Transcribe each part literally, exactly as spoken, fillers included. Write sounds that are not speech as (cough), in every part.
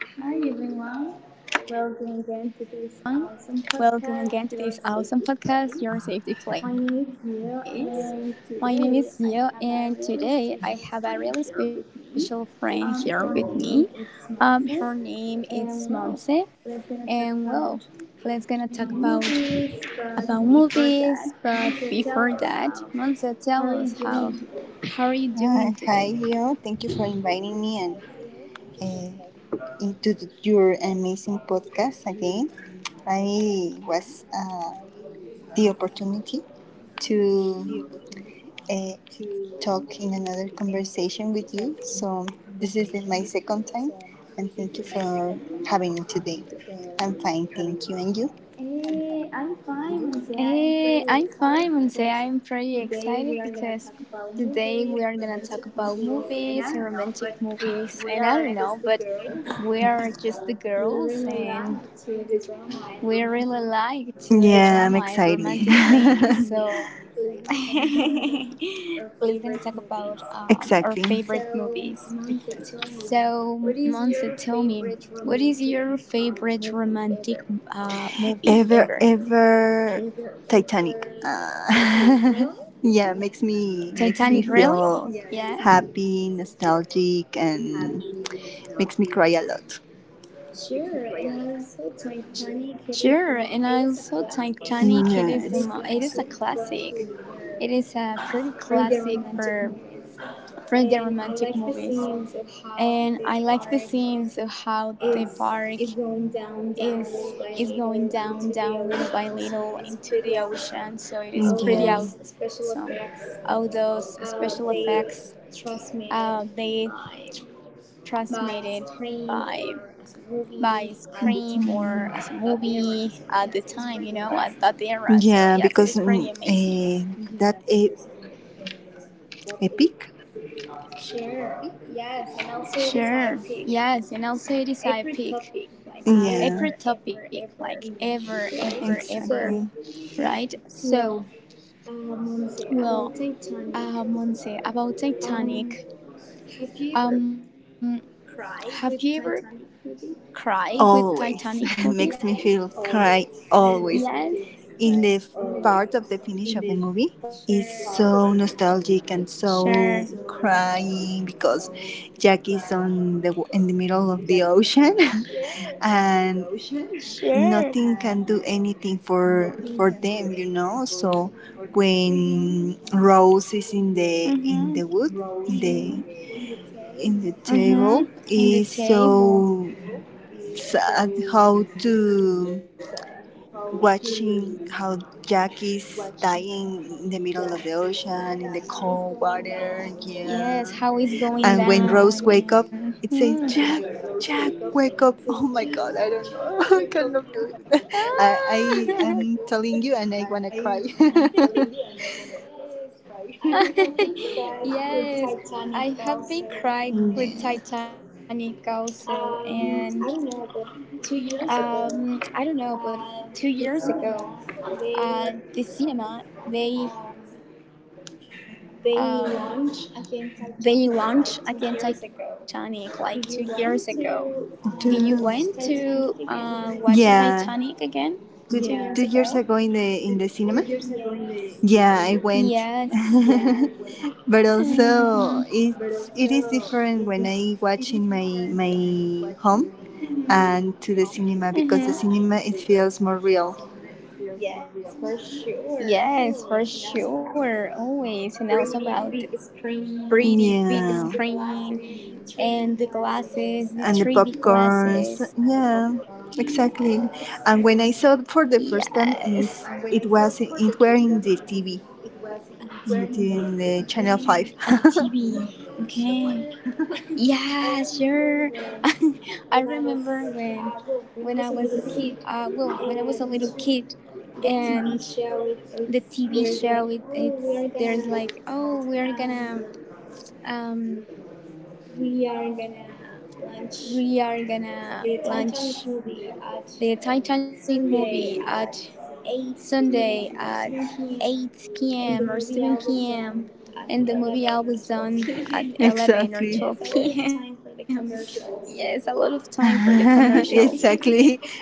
Hi everyone, welcome again to this awesome podcast, Your Safety Place. My name is Zio, and today I have a really special friend here with me. Um, her name is Monse, and well, let's gonna talk about about movies. But before that, Monse, tell us how how are you doing today? Uh, hi, Leo. Thank you for inviting me and uh, into the, your amazing podcast again. I was uh, the opportunity to uh, talk in another conversation with you. So this is the, my second time, and thank you for having me today. I'm fine, thank you. And you? Hey, I'm fine, Monse. I'm pretty excited because today we are gonna talk about movies, romantic movies, and I don't know, but we are just the girls and we really like to the drama and romantic things. So Yeah, I'm (laughs) excited. let's gonna talk about um, our favorite movies. (laughs) Exactly. So. So Monse, tell me, what is your favorite romantic uh, movie ever? Ever, ever Titanic. Titanic, Uh, (laughs) really? Yeah, Yeah. makes me makes me feel happy, nostalgic, and makes me cry a lot. Sure, and I also Titanic. It is the mo- it is a Yes, classic. It it's is a pretty classic for for the romantic movies, and I like the scenes of how the bark is is going down, down little by little into the ocean. So it is pretty awesome. All yeah, those special effects, uh, they transmitted by by Scream or as a movie at the time, you know, at that era. So, yes, it is pretty amazing. yeah. Because mm, eh, that e- epic. Sure. Yes. And also, it is I pick uh, every topic, like Yeah, ever, ever, ever, right? exactly. So, So, well, uh, Monse, about Titanic, um, have you ever cried with Titanic movie? always (laughs) makes me Yes. feel cry always. In the f- Part of the finish of the movie Sure. is so nostalgic and So so crying, crying because Jack Jackie's. is on the w- in the middle of the ocean (laughs) Sure. and nothing can do anything for for them, you know. So when Mm-hmm. Rose is in the in the wood, in hmm the In the in the table. table, is so sad how to watching how Jack is dying in the middle of the ocean in the How is cold going water. down Yeah. and And when mhm. Rose wake up, it says, "Jack, Jack, wake up!" (laughs) Oh my God, I don't know. (laughs) I Ah. cannot believe that. I, (laughs) I am telling you, and I wanna cry. cry. (laughs) (laughs) Yes, I have been crying with Titanic also, and Yeah. Um, I don't know, but two years ago, uh, the cinema they um, they launched again Titanic like two years ago. Did you went to uh, Do- watch Titanic Titanic. again two years Yeah. ago? Two, two years ago in the in the cinema. Yes. Yeah, I (laughs) went. (laughs) Mm, But (laughs) also it's it is different when I watch in my my home mhm. and to the cinema because the cinema it feels more real. Yes, for sure, always. And also about the pretty big screen and Yeah. the glasses, the three D glasses. And the popcorns. Yeah, exactly. Yes. And when I saw it for the first time, is it was it were in the T V, And the in the T V, T V. in the channel Okay. five. (laughs) Yeah, sure. (laughs) I remember when when I was uh well when I was a little kid and the T V show it, it's there's like oh we're gonna um we're gonna launch the Titanic movie at Sunday at eight p m or seven p m and the movie I was done at eleven or twelve p m (laughs) Exactly. Yes, a lot of time for the commercials. (laughs) (laughs) Shows. yes, (laughs)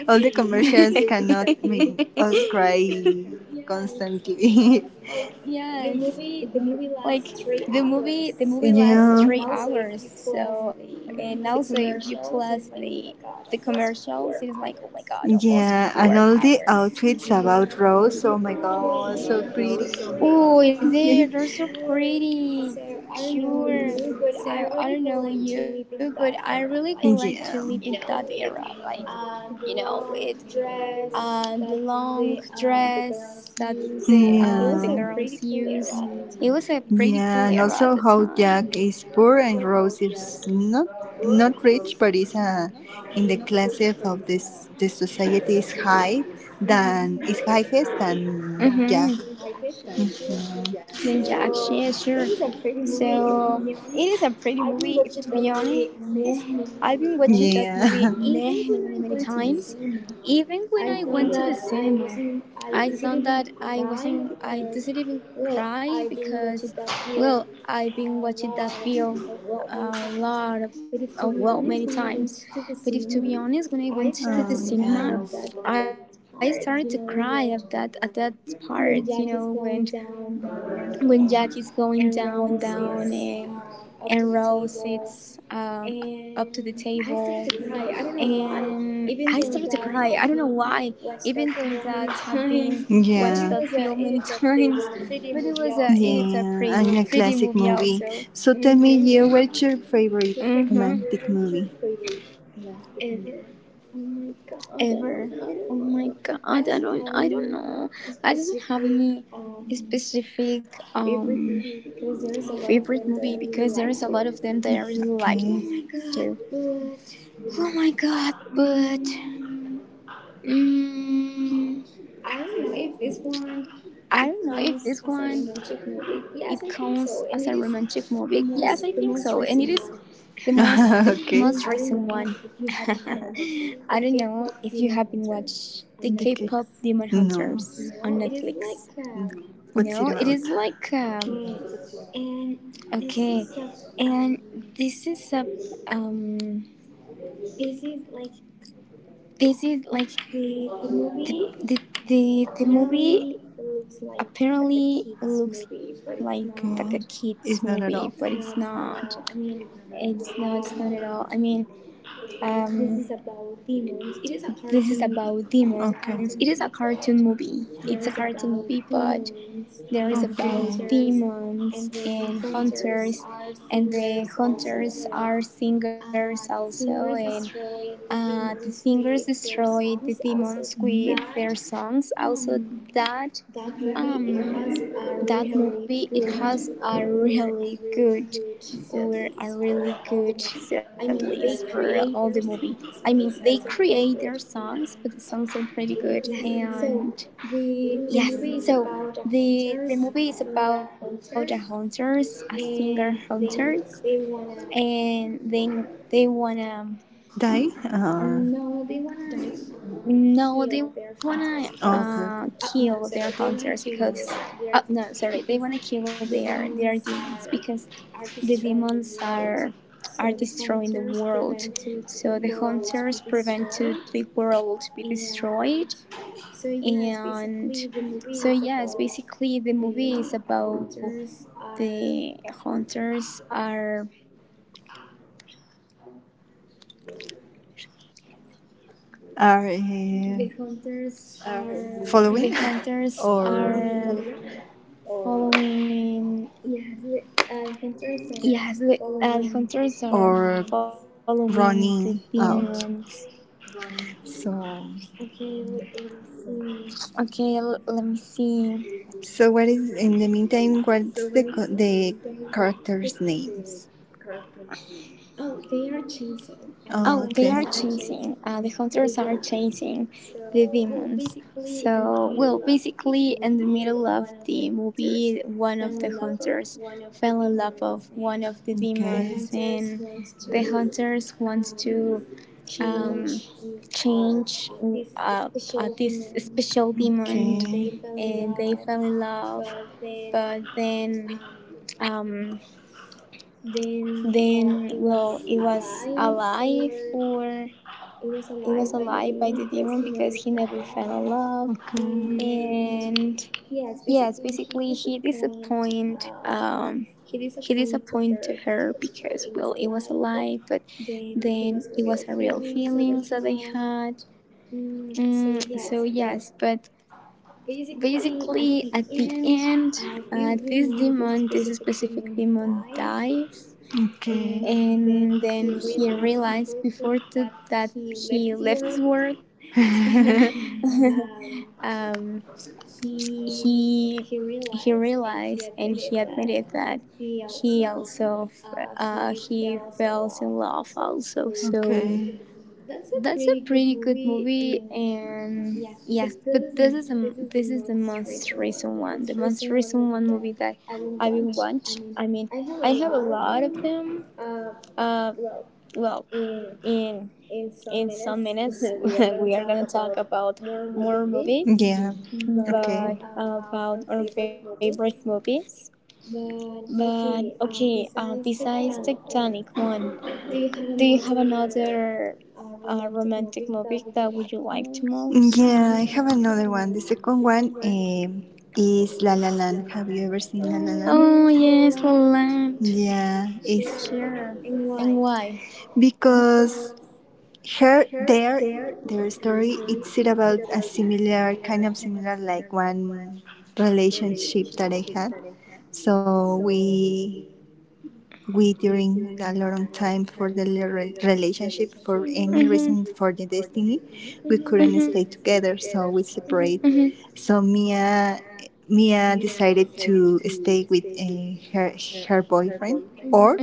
All the commercials cannot make us cry. Yes, constantly. (laughs) like the movie the movie lasts three hours. So, and also if you plus the the commercials, it is like oh my god, almost four hours. Yeah, and all the outfits about Rose, oh Oh, they're so (laughs) pretty. Sure. So I don't know you, but I really would like to live in that era, like yeah. you know, with uh, the long The dress that the uh, the girls use. It was a pretty cool yeah. era at the time. Yeah, and also how Jack is poor and Rose is not not rich, but is uh, in the class of this the society is high than Mm-hmm. is highest than Jack. Then Jax, yeah, sure. Mhm. So it is a pretty movie, if to be honest. I've been watching that movie many, many, many times. Yeah. (laughs) Even when I went to the cinema, I thought that I wasn't, I didn't even cry because, well, I've been watching that film a lot of, uh, well, many times. But if to be honest, when I went to the cinema, Oh I started to cry at that yeah. at that part. You know, when when Jack is going down and down, and and Rose sits um, up to the table, and I started to cry. I don't know why, even though that have been watched that film many (laughs) times, But but it it was a it is a pretty pretty movie also. and a classic movie. So hmm you, what's your favorite romantic movie? Ever. Oh my god, I don't I don't know. I doesn't have any specific um favorite movie because there is a lot of them that I really like too. Oh my god, but mm, I don't know if this one it counts as a romantic movie. Yes, I think so, and it is the most the most recent one. (laughs) (laughs) Okay. I don't know if you have been watched the K-pop Demon Hunters on Netflix. No. No, it is like um, What's it about? okay, and this is a um, this is like the the the, the movie apparently it looks like like a kids movie but it's not It's not at it's not it's not at all. I mean, um this is about demons. It is a cartoon movie. It's a cartoon movie but there is about demons and hunters, and the hunters are singers also, and uh, the singers destroy the demons with their songs also. That um that movie it has a really good or a really good set list for all the movie. I mean, they create their songs, but the songs are pretty good, and yes. So the the movie is about a hunters, a singer hunters, and they they wanna die? Uh, no they wanna uh, kill their hunters because Okay. oh no sorry they wanna kill their their demons because the demons are are destroying the world, so the hunters prevented the world to be destroyed. And so yes, basically the movie is about the hunters are Are the the uh, hunters are following (laughs) following. Yes, the, uh, the hunters are following the demons. running out. So, Okay, l- let me see. so what is in the meantime? What's the co- the characters' names? Oh, they are chasing. Uh, the Oh, hunters are chasing the demons. So, well, basically, in the middle of the movie, one of the hunters fell in love of one of the demons, and the okay, hunters want to um, change uh, uh, this special demon, and and they fell in love. But then, um, then, well, it was alive or it was a lie by the demon because he never fell in love. And yes, basically he disappoint um he disappointed her because well it was a lie, but then it was a real feelings that they had. Mm, so yes, but basically at the end, uh, this demon, this specific demon dies, and (laughs) and then he realized before to, that he left this world. (laughs) (laughs) um, he he realized and he admitted that he also uh, he falls in love also. So okay. that's a pretty good movie, and yes, but this is a this is the most recent one, the most recent one movie that I've been watched. I mean, I have a lot of them. uh, well, in in some minutes (laughs) we are going to talk about more movies, Yeah. Okay. but about our favorite movies. But okay, uh, besides Titanic one, do you have another uh, romantic movie that would you like to most? Yeah, I have another one. The second one um, is La La Land. Have you ever seen La La Oh Land? yes, La La Land. Yeah, it's Sure, and why? because her their their story it's it about a similar kind of similar like one relationship that I had. So we we during a long time for the re- relationship for any Mm-hmm. reason for the destiny, we couldn't stay Mm-hmm. together, so we Mhm. separate. So Mia Mia decided to stay with uh, her her boyfriend or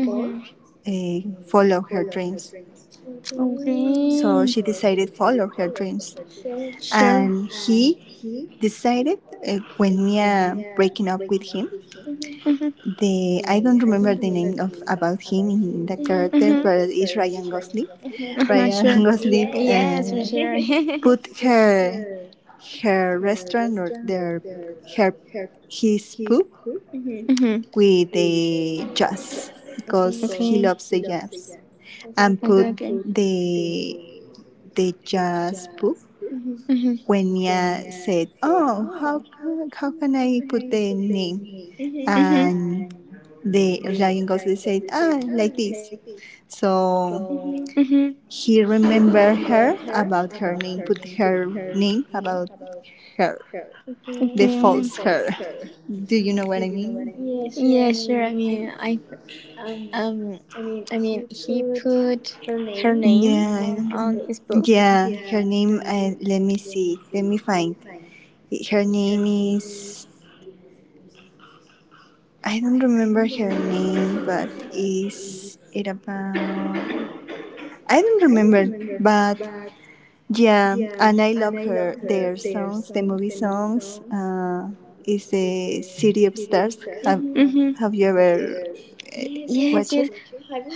uh, follow her dreams. So Mhm. Okay. she decided follow her dreams, Sure. and he decided uh, when Mia breaking up with him Mhm. the I don't remember the name of about him in the mhm character, Mhm. but it's Ryan Gosling. (laughs) Uh-huh, (laughs) Ryan sure. Gosling uh, (laughs) put (laughs) her her restaurant or their her his pub mhm. with the jazz because he loves the jazz and put the the jazz pub Mhm. when Mia said, "Oh, how ca- how can I put the name?" Mhm. And the Ryan Gosling said, ah, like this. So Mhm. he remembered her about her name, put her name about her, They. the Okay. false her. Do you know what I mean? Yeah, sure. I mean, I. Um, I mean, he put her name Yeah, I on his don't book. yeah, her name, uh, let me see, let me find. Her name is, I don't remember her name, but is it about, I don't remember, but yeah, and I love her their songs, the movie songs. Uh, is the City of Stars? Have, mhm, hmm have you ever Yes, yes. it?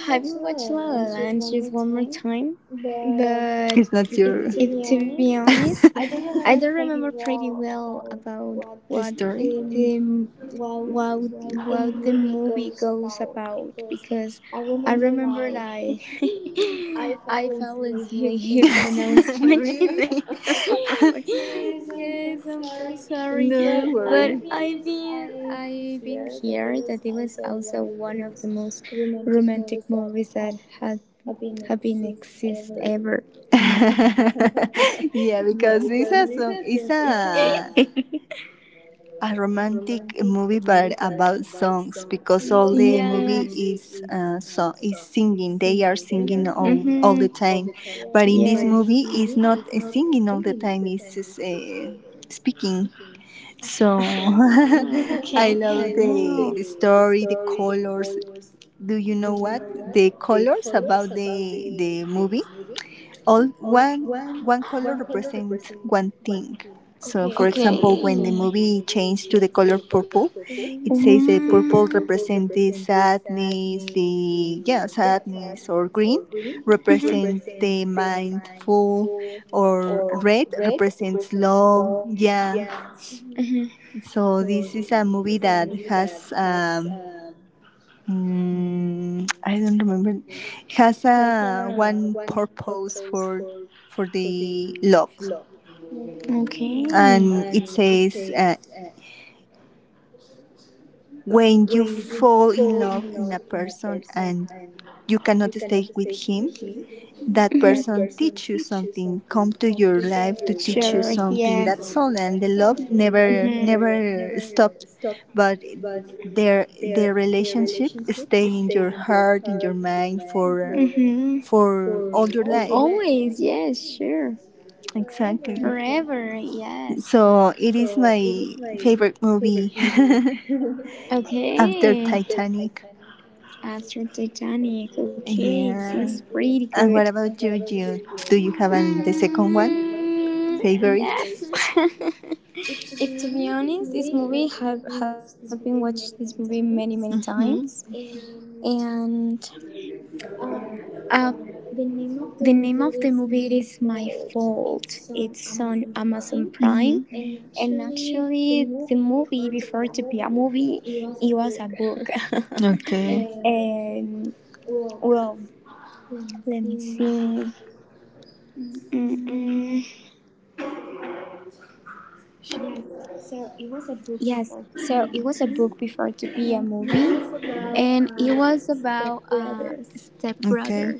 Have you watched La La Land just one more time, but It's not if to be honest, (laughs) I don't remember pretty well about the what story. the what what the movie goes about because I remember I (laughs) I (gasps) fell asleep when I (laughs) was (laughs) watching the movie. (laughs) Yes, I'm so sorry, No but I've been I've been here it was also one of the most romantic movies that had have been exist ever. (laughs) (laughs) yeah, because it's a song, it's a, (laughs) a romantic movie, but about songs. Because all the movie is uh, so is singing. They are singing hmm all all But the time, but in in this movie, it's not uh, singing all the (sighs) time. It's just, uh, speaking. so So (laughs) I love (laughs) the the story, the colors. Do you know what the colors about the the movie? All one one color represents one thing. so, So, for okay, example, when the movie changed to the color purple, it says the it purple represents the sadness, the yeah sadness, or green represent the mindful, or red represents love. Yeah. mhm. So this is a movie that has um, mm, I don't remember. It has a one purpose for for the love, Okay. and it says uh, when you fall in love in a person and you cannot stay with him, that hmm person teach you something, come to your life, do something. That's all, and the love never never stopped, but their their relationship stay in your heart, in your mind for for all your life. yes, sure. Forever, Exactly. yes. So it is my favorite movie (laughs) Okay. after Titanic. After Titanic, okay, it sounds Yeah. pretty good. And what about you, Jude? Do you have an, the second one Mm, favorite? yes. (laughs) If to be honest, this movie have have been watched this movie many many times, Mm-hmm. and uh, the name of the movie is My Fault. It's on Amazon Prime, Mm-hmm. and actually the movie before to be a movie, it was a book, (laughs) Okay. and well, let me see. Mm-mm. Yes, so it was a book before to be a movie, and it was about uh, stepbrothers. Okay.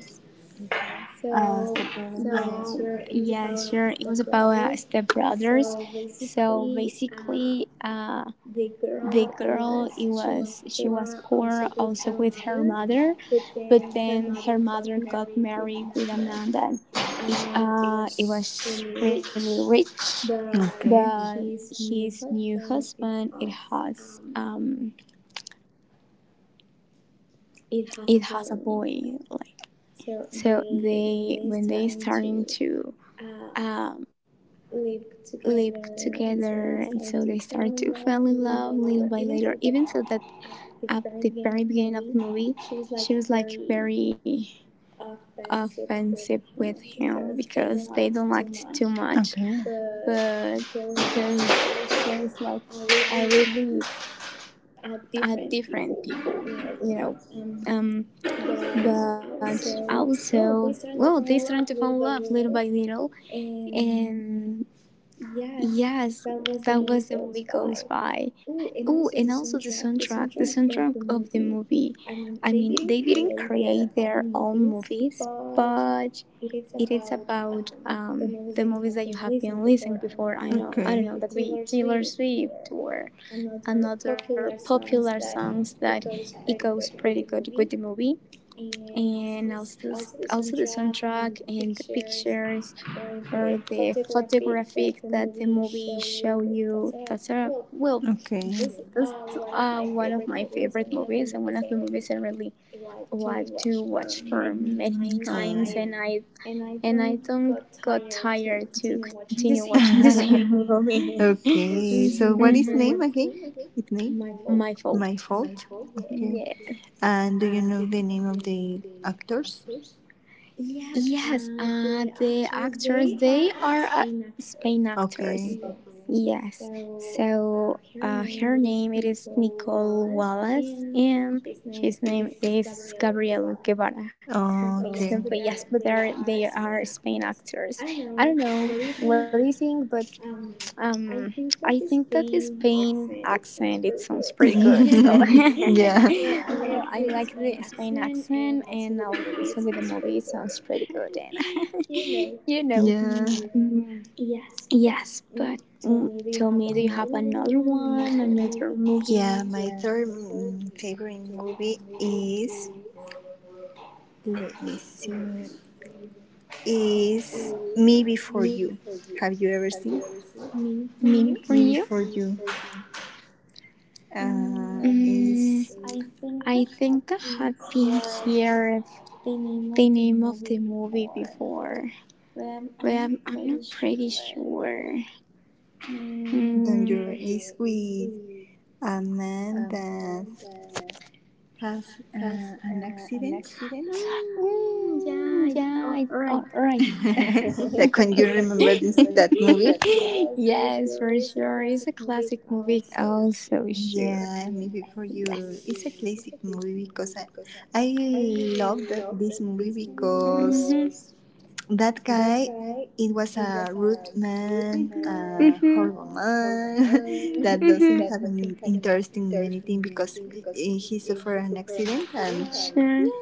So yeah, sure. It was about uh, stepbrothers. So basically, uh, the girl it was she was poor also with her mother, but then her mother got married with a man that uh, it was really rich, Okay. but his new husband it has um it has a boy like. So they when they starting to uh, lived together, and so they start to fall in love little by little, even so that at the very beginning of the movie she was like very offensive with him because they don't like it too much, but because there's like a really uh, different people, you know, um, but also well they started to fall in love little by little, and yes, that was the movie goes by. Oh, and also the soundtrack. The soundtrack of the movie. I mean, they didn't create their own movies, but it is about um, the movies that you have been listening before. I know, I don't know, Okay. that we Taylor Swift or another popular songs that it goes pretty good with the movie. And also, also the soundtrack and the pictures or the photographic that the movie show you. That's a well, Okay. this is uh, one of my favorite Okay. movies and one of the movies I really like to watch for many many times, and I and I don't got tired to continue watching the same (laughs) movie. (laughs) Okay. What is Okay. name again? Mhm. Its name? My My fault. fault. Yeah. Okay. Yes. And do you know the name of the actors? Yes, uh, the actors they are uh, Spain actors. Okay. Yes. So uh, her name it is Nicole Wallace, and his name is Gabriel Guevara. Oh. Okay. Simply, yes, but they are they are Spain actors. I don't know what do you think, but um, I think that the Spain accent it sounds pretty (laughs) good. So (laughs) (laughs) Yeah. I I like the Spain accent, and also with the movie it sounds pretty good. And (laughs) you know, Yeah. Yeah. Mm, mm, yes, but mm, tell me, do you have another one, another movie yeah, my third mm, favorite movie is let me see is Me Before You. Have you ever seen meme for you? Before You? Uh, Mm. Mm, Is I think I have been here the name of the movie before, but I'm, I'm not pretty sure. not you Mm, is with a man that has uh, an accident. mm, yeah, I, all right. (laughs) Like, can you remember this that movie? (laughs) Yes, for sure. It's a classic movie, also, sure. Yeah, maybe for you Yes. it's a classic movie because I, I love that this movie because Mhm. that guy it was a rude man, Mm-hmm. horrible (laughs) man (laughs) that doesn't have Mm-hmm. any interest in anything because he he suffered an accident and And no,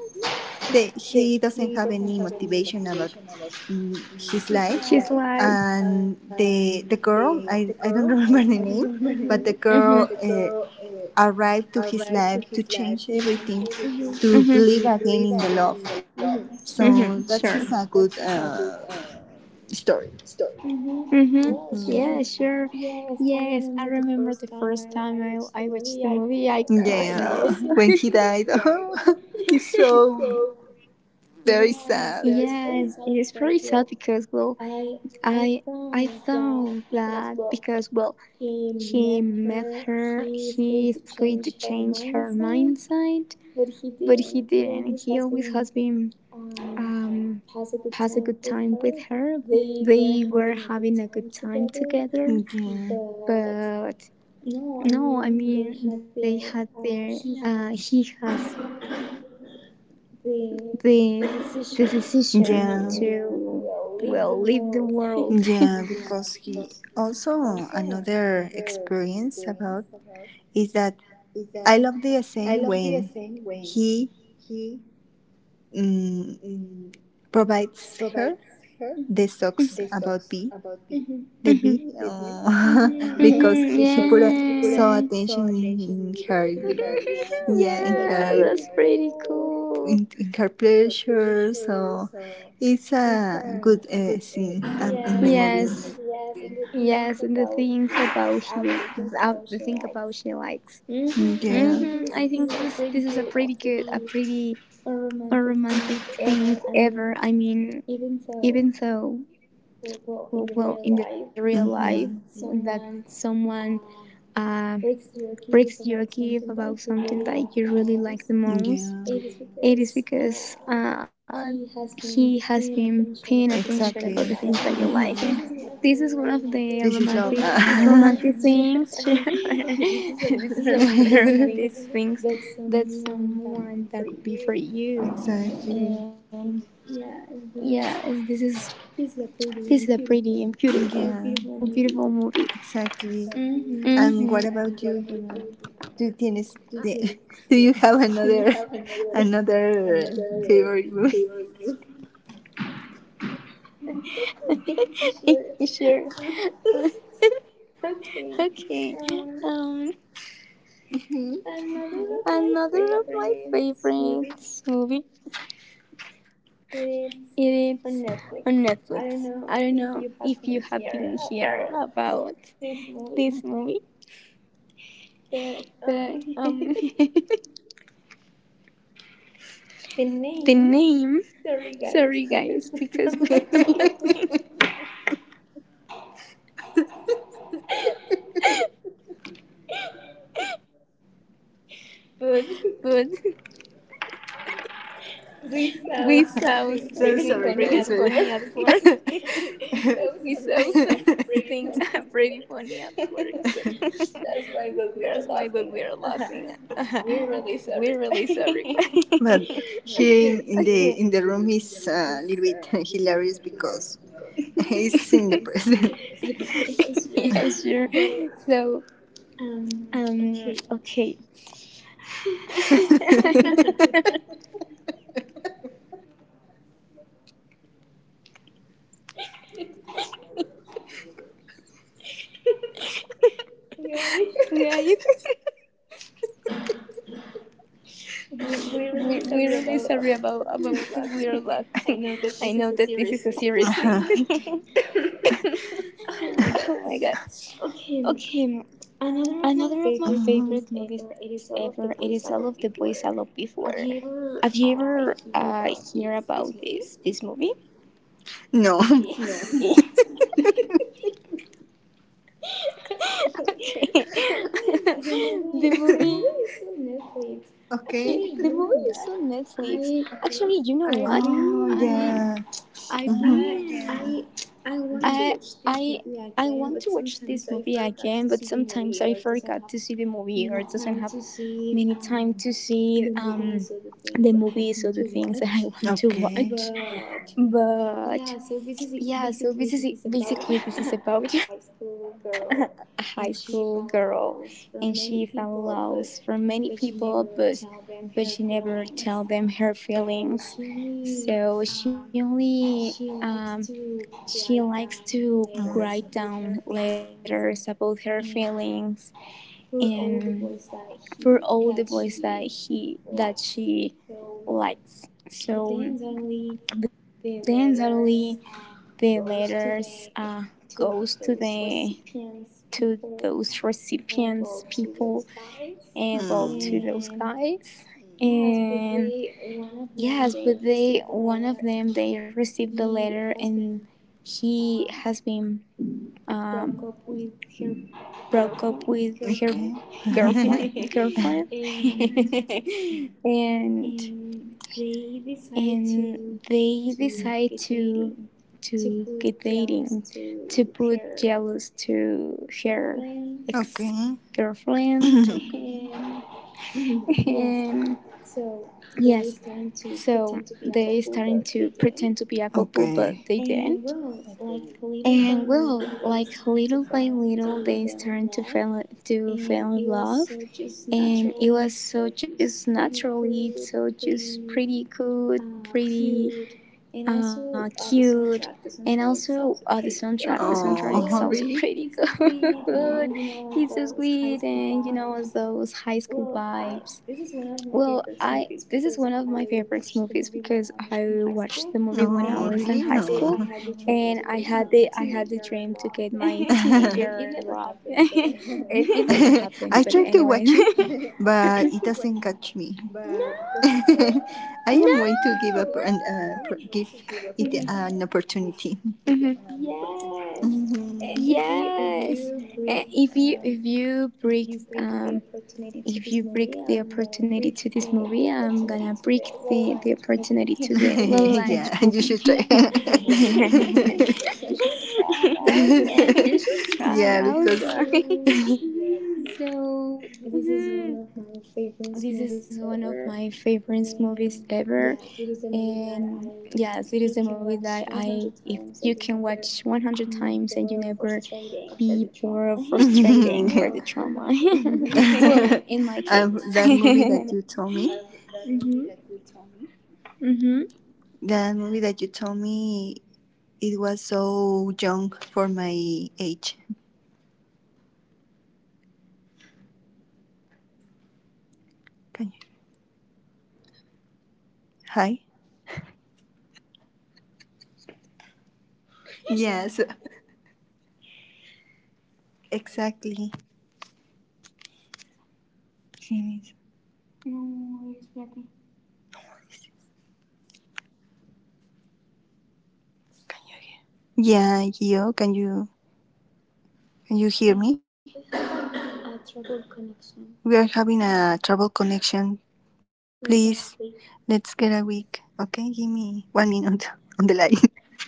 they, he doesn't have any motivation about mm, his sure. life. She's alive. And the the girl, I, I don't (laughs) remember the name, mm-hmm, but the Mm-hmm. girl uh, arrived to his life to change everything, mm-hmm, to Mm-hmm. believe again in the love. Mm-hmm. So Sure. that is Uh, a good uh, story. mm-hmm. Yeah, sure. Yes, I remember the first time I, I watched the movie, I cried Yeah, also. (laughs) (laughs) when he Very died, (laughs) he's so very sad. yeah, it is pretty sad because, well, I I thought that because, well, he met her, he is going to change her mindset, but he didn't. He always has been um, pass a good time with her. They were having a good time together, Yeah. but no, I mean they their. Uh, he has the the decision Yeah, to well leave the world. (laughs) yeah, because he also another experience about is that I love the scene when he mm, provides her the socks about bee, Mhm. the bee, (laughs) oh, (laughs) Mhm, (laughs) because he put uh, yeah. so Yes. attention in, in her, (laughs) yeah, Yeah, in that's her pretty cool. in, in her pleasure. So it's a good uh, scene Yes, movie. yes, and the things about he, uh, the thing about she likes. Hmm, I think that this this is a pretty good, a pretty a romantic thing ever. I mean, even though well, well, in the real life that someone uh, breaks your gift about something that you really like the most. Yeah. It is because uh, he has been paying attention about the things that you like, and this Mm-hmm. is one of the romantic romantic things. (laughs) This is (laughs) about the romantic things (laughs) that someone that could be for you, and Exactly. yeah, it's- this is this is a pretty and beautiful, beautiful, beautiful movie. Exactly. Hmm. And what about you, Juliana? Do tienes de- (laughs) do you have another (laughs) another favorite movie? (laughs) Sure. (laughs) Okay. Um. (laughs) Another of my favorite movie it is on Netflix. I don't know if you have been here about this movie, but um (laughs) the name, sorry guys because we're on Netflix but (laughs) Saw we saw so something sorry pretty guys. funny at work. But (laughs) (laughs) (laughs) We something (laughs) pretty funny at work, so (laughs) that's why we we're laughing. (laughs) We're really sorry. but (laughs) here in, Okay. in the in the room is a little (laughs) bit (laughs) hilarious because (laughs) he's in the present. Yeah, sure. So, um, okay. (laughs) (laughs) Guys, Yes. we we're really sorry about about because we are laughing. (laughs) I know that this is a serious (laughs) thing. (laughs) Uh-huh. Oh my god. Okay, another of my favorite movies ever. It is all of the boys I loved before. Have you ever uh, hear about this this movie? No. No. (laughs) (laughs) Okay. (laughs) the movie the movie is (laughs) on On Netflix. Netflix. Okay. Actually, you know what? I I oh, been- yeah. I Mm-hmm. I I want to watch this movie again, but sometimes I forgot to see the movie or doesn't have many time to see um the movies or the things that I (laughs) want to watch. I okay. But yeah, so this is basically this is about (laughs) a high school girl, and she fell in love for many people, but but she never tell them her feelings. So she only um, she likes to write down letters about her feelings and for all the boys that he that she likes. So, but then suddenly the letters uh, goes to the to those recipients people and well to those guys Mm. and yes but they one of them they received the letter and he has been um, broke up with her girlfriend girlfriend (laughs) (laughs) (laughs) and and Okay. (laughs) And okay. pretty good, pretty uh, cute, and also uh, the soundtrack. The soundtrack is also pretty (laughs) good. (laughs) It's so sweet, and you know those high school vibes. Well, I this is one of my favorite movies because I watched the Oh, movie when I no. was in high school, mm-hmm, and I had the I had the dream to get my (laughs) teenager love, (laughs) and it never (laughs) (laughs) happened. I But tried to anyway. watch it, (laughs) but it doesn't catch me. (laughs) I am No. going to give (laughs) up and uh, pr- give it mm-hmm an opportunity. Mhm. Mhm. Yes. And if you if you break um if you break the opportunity to this movie, I'm gonna break the, the opportunity to (laughs) the (laughs) La La Land You movie. should try. (laughs) (laughs) (laughs) You You should (laughs) try yeah, because also. (laughs) (laughs) So mhm, this is one of my favorite movies ever. And yes, it is a movie that I, if you can watch a hundred times and you never be bored or frustrating for the (laughs) trauma. (laughs) (laughs) Well, in my um, case. that movie that you (laughs) told me, Hmm. that movie that you told me, it was so young for my age. Hi. Yes, exactly. Finish. Can you hear? Yeah, Gio, can you can you hear me? We are having a trouble connection. Please, let's get a week. Okay, give me one minute on the line. (laughs)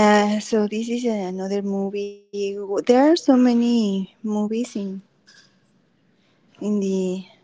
Yeah, so this is another movie. There are so many movies in in the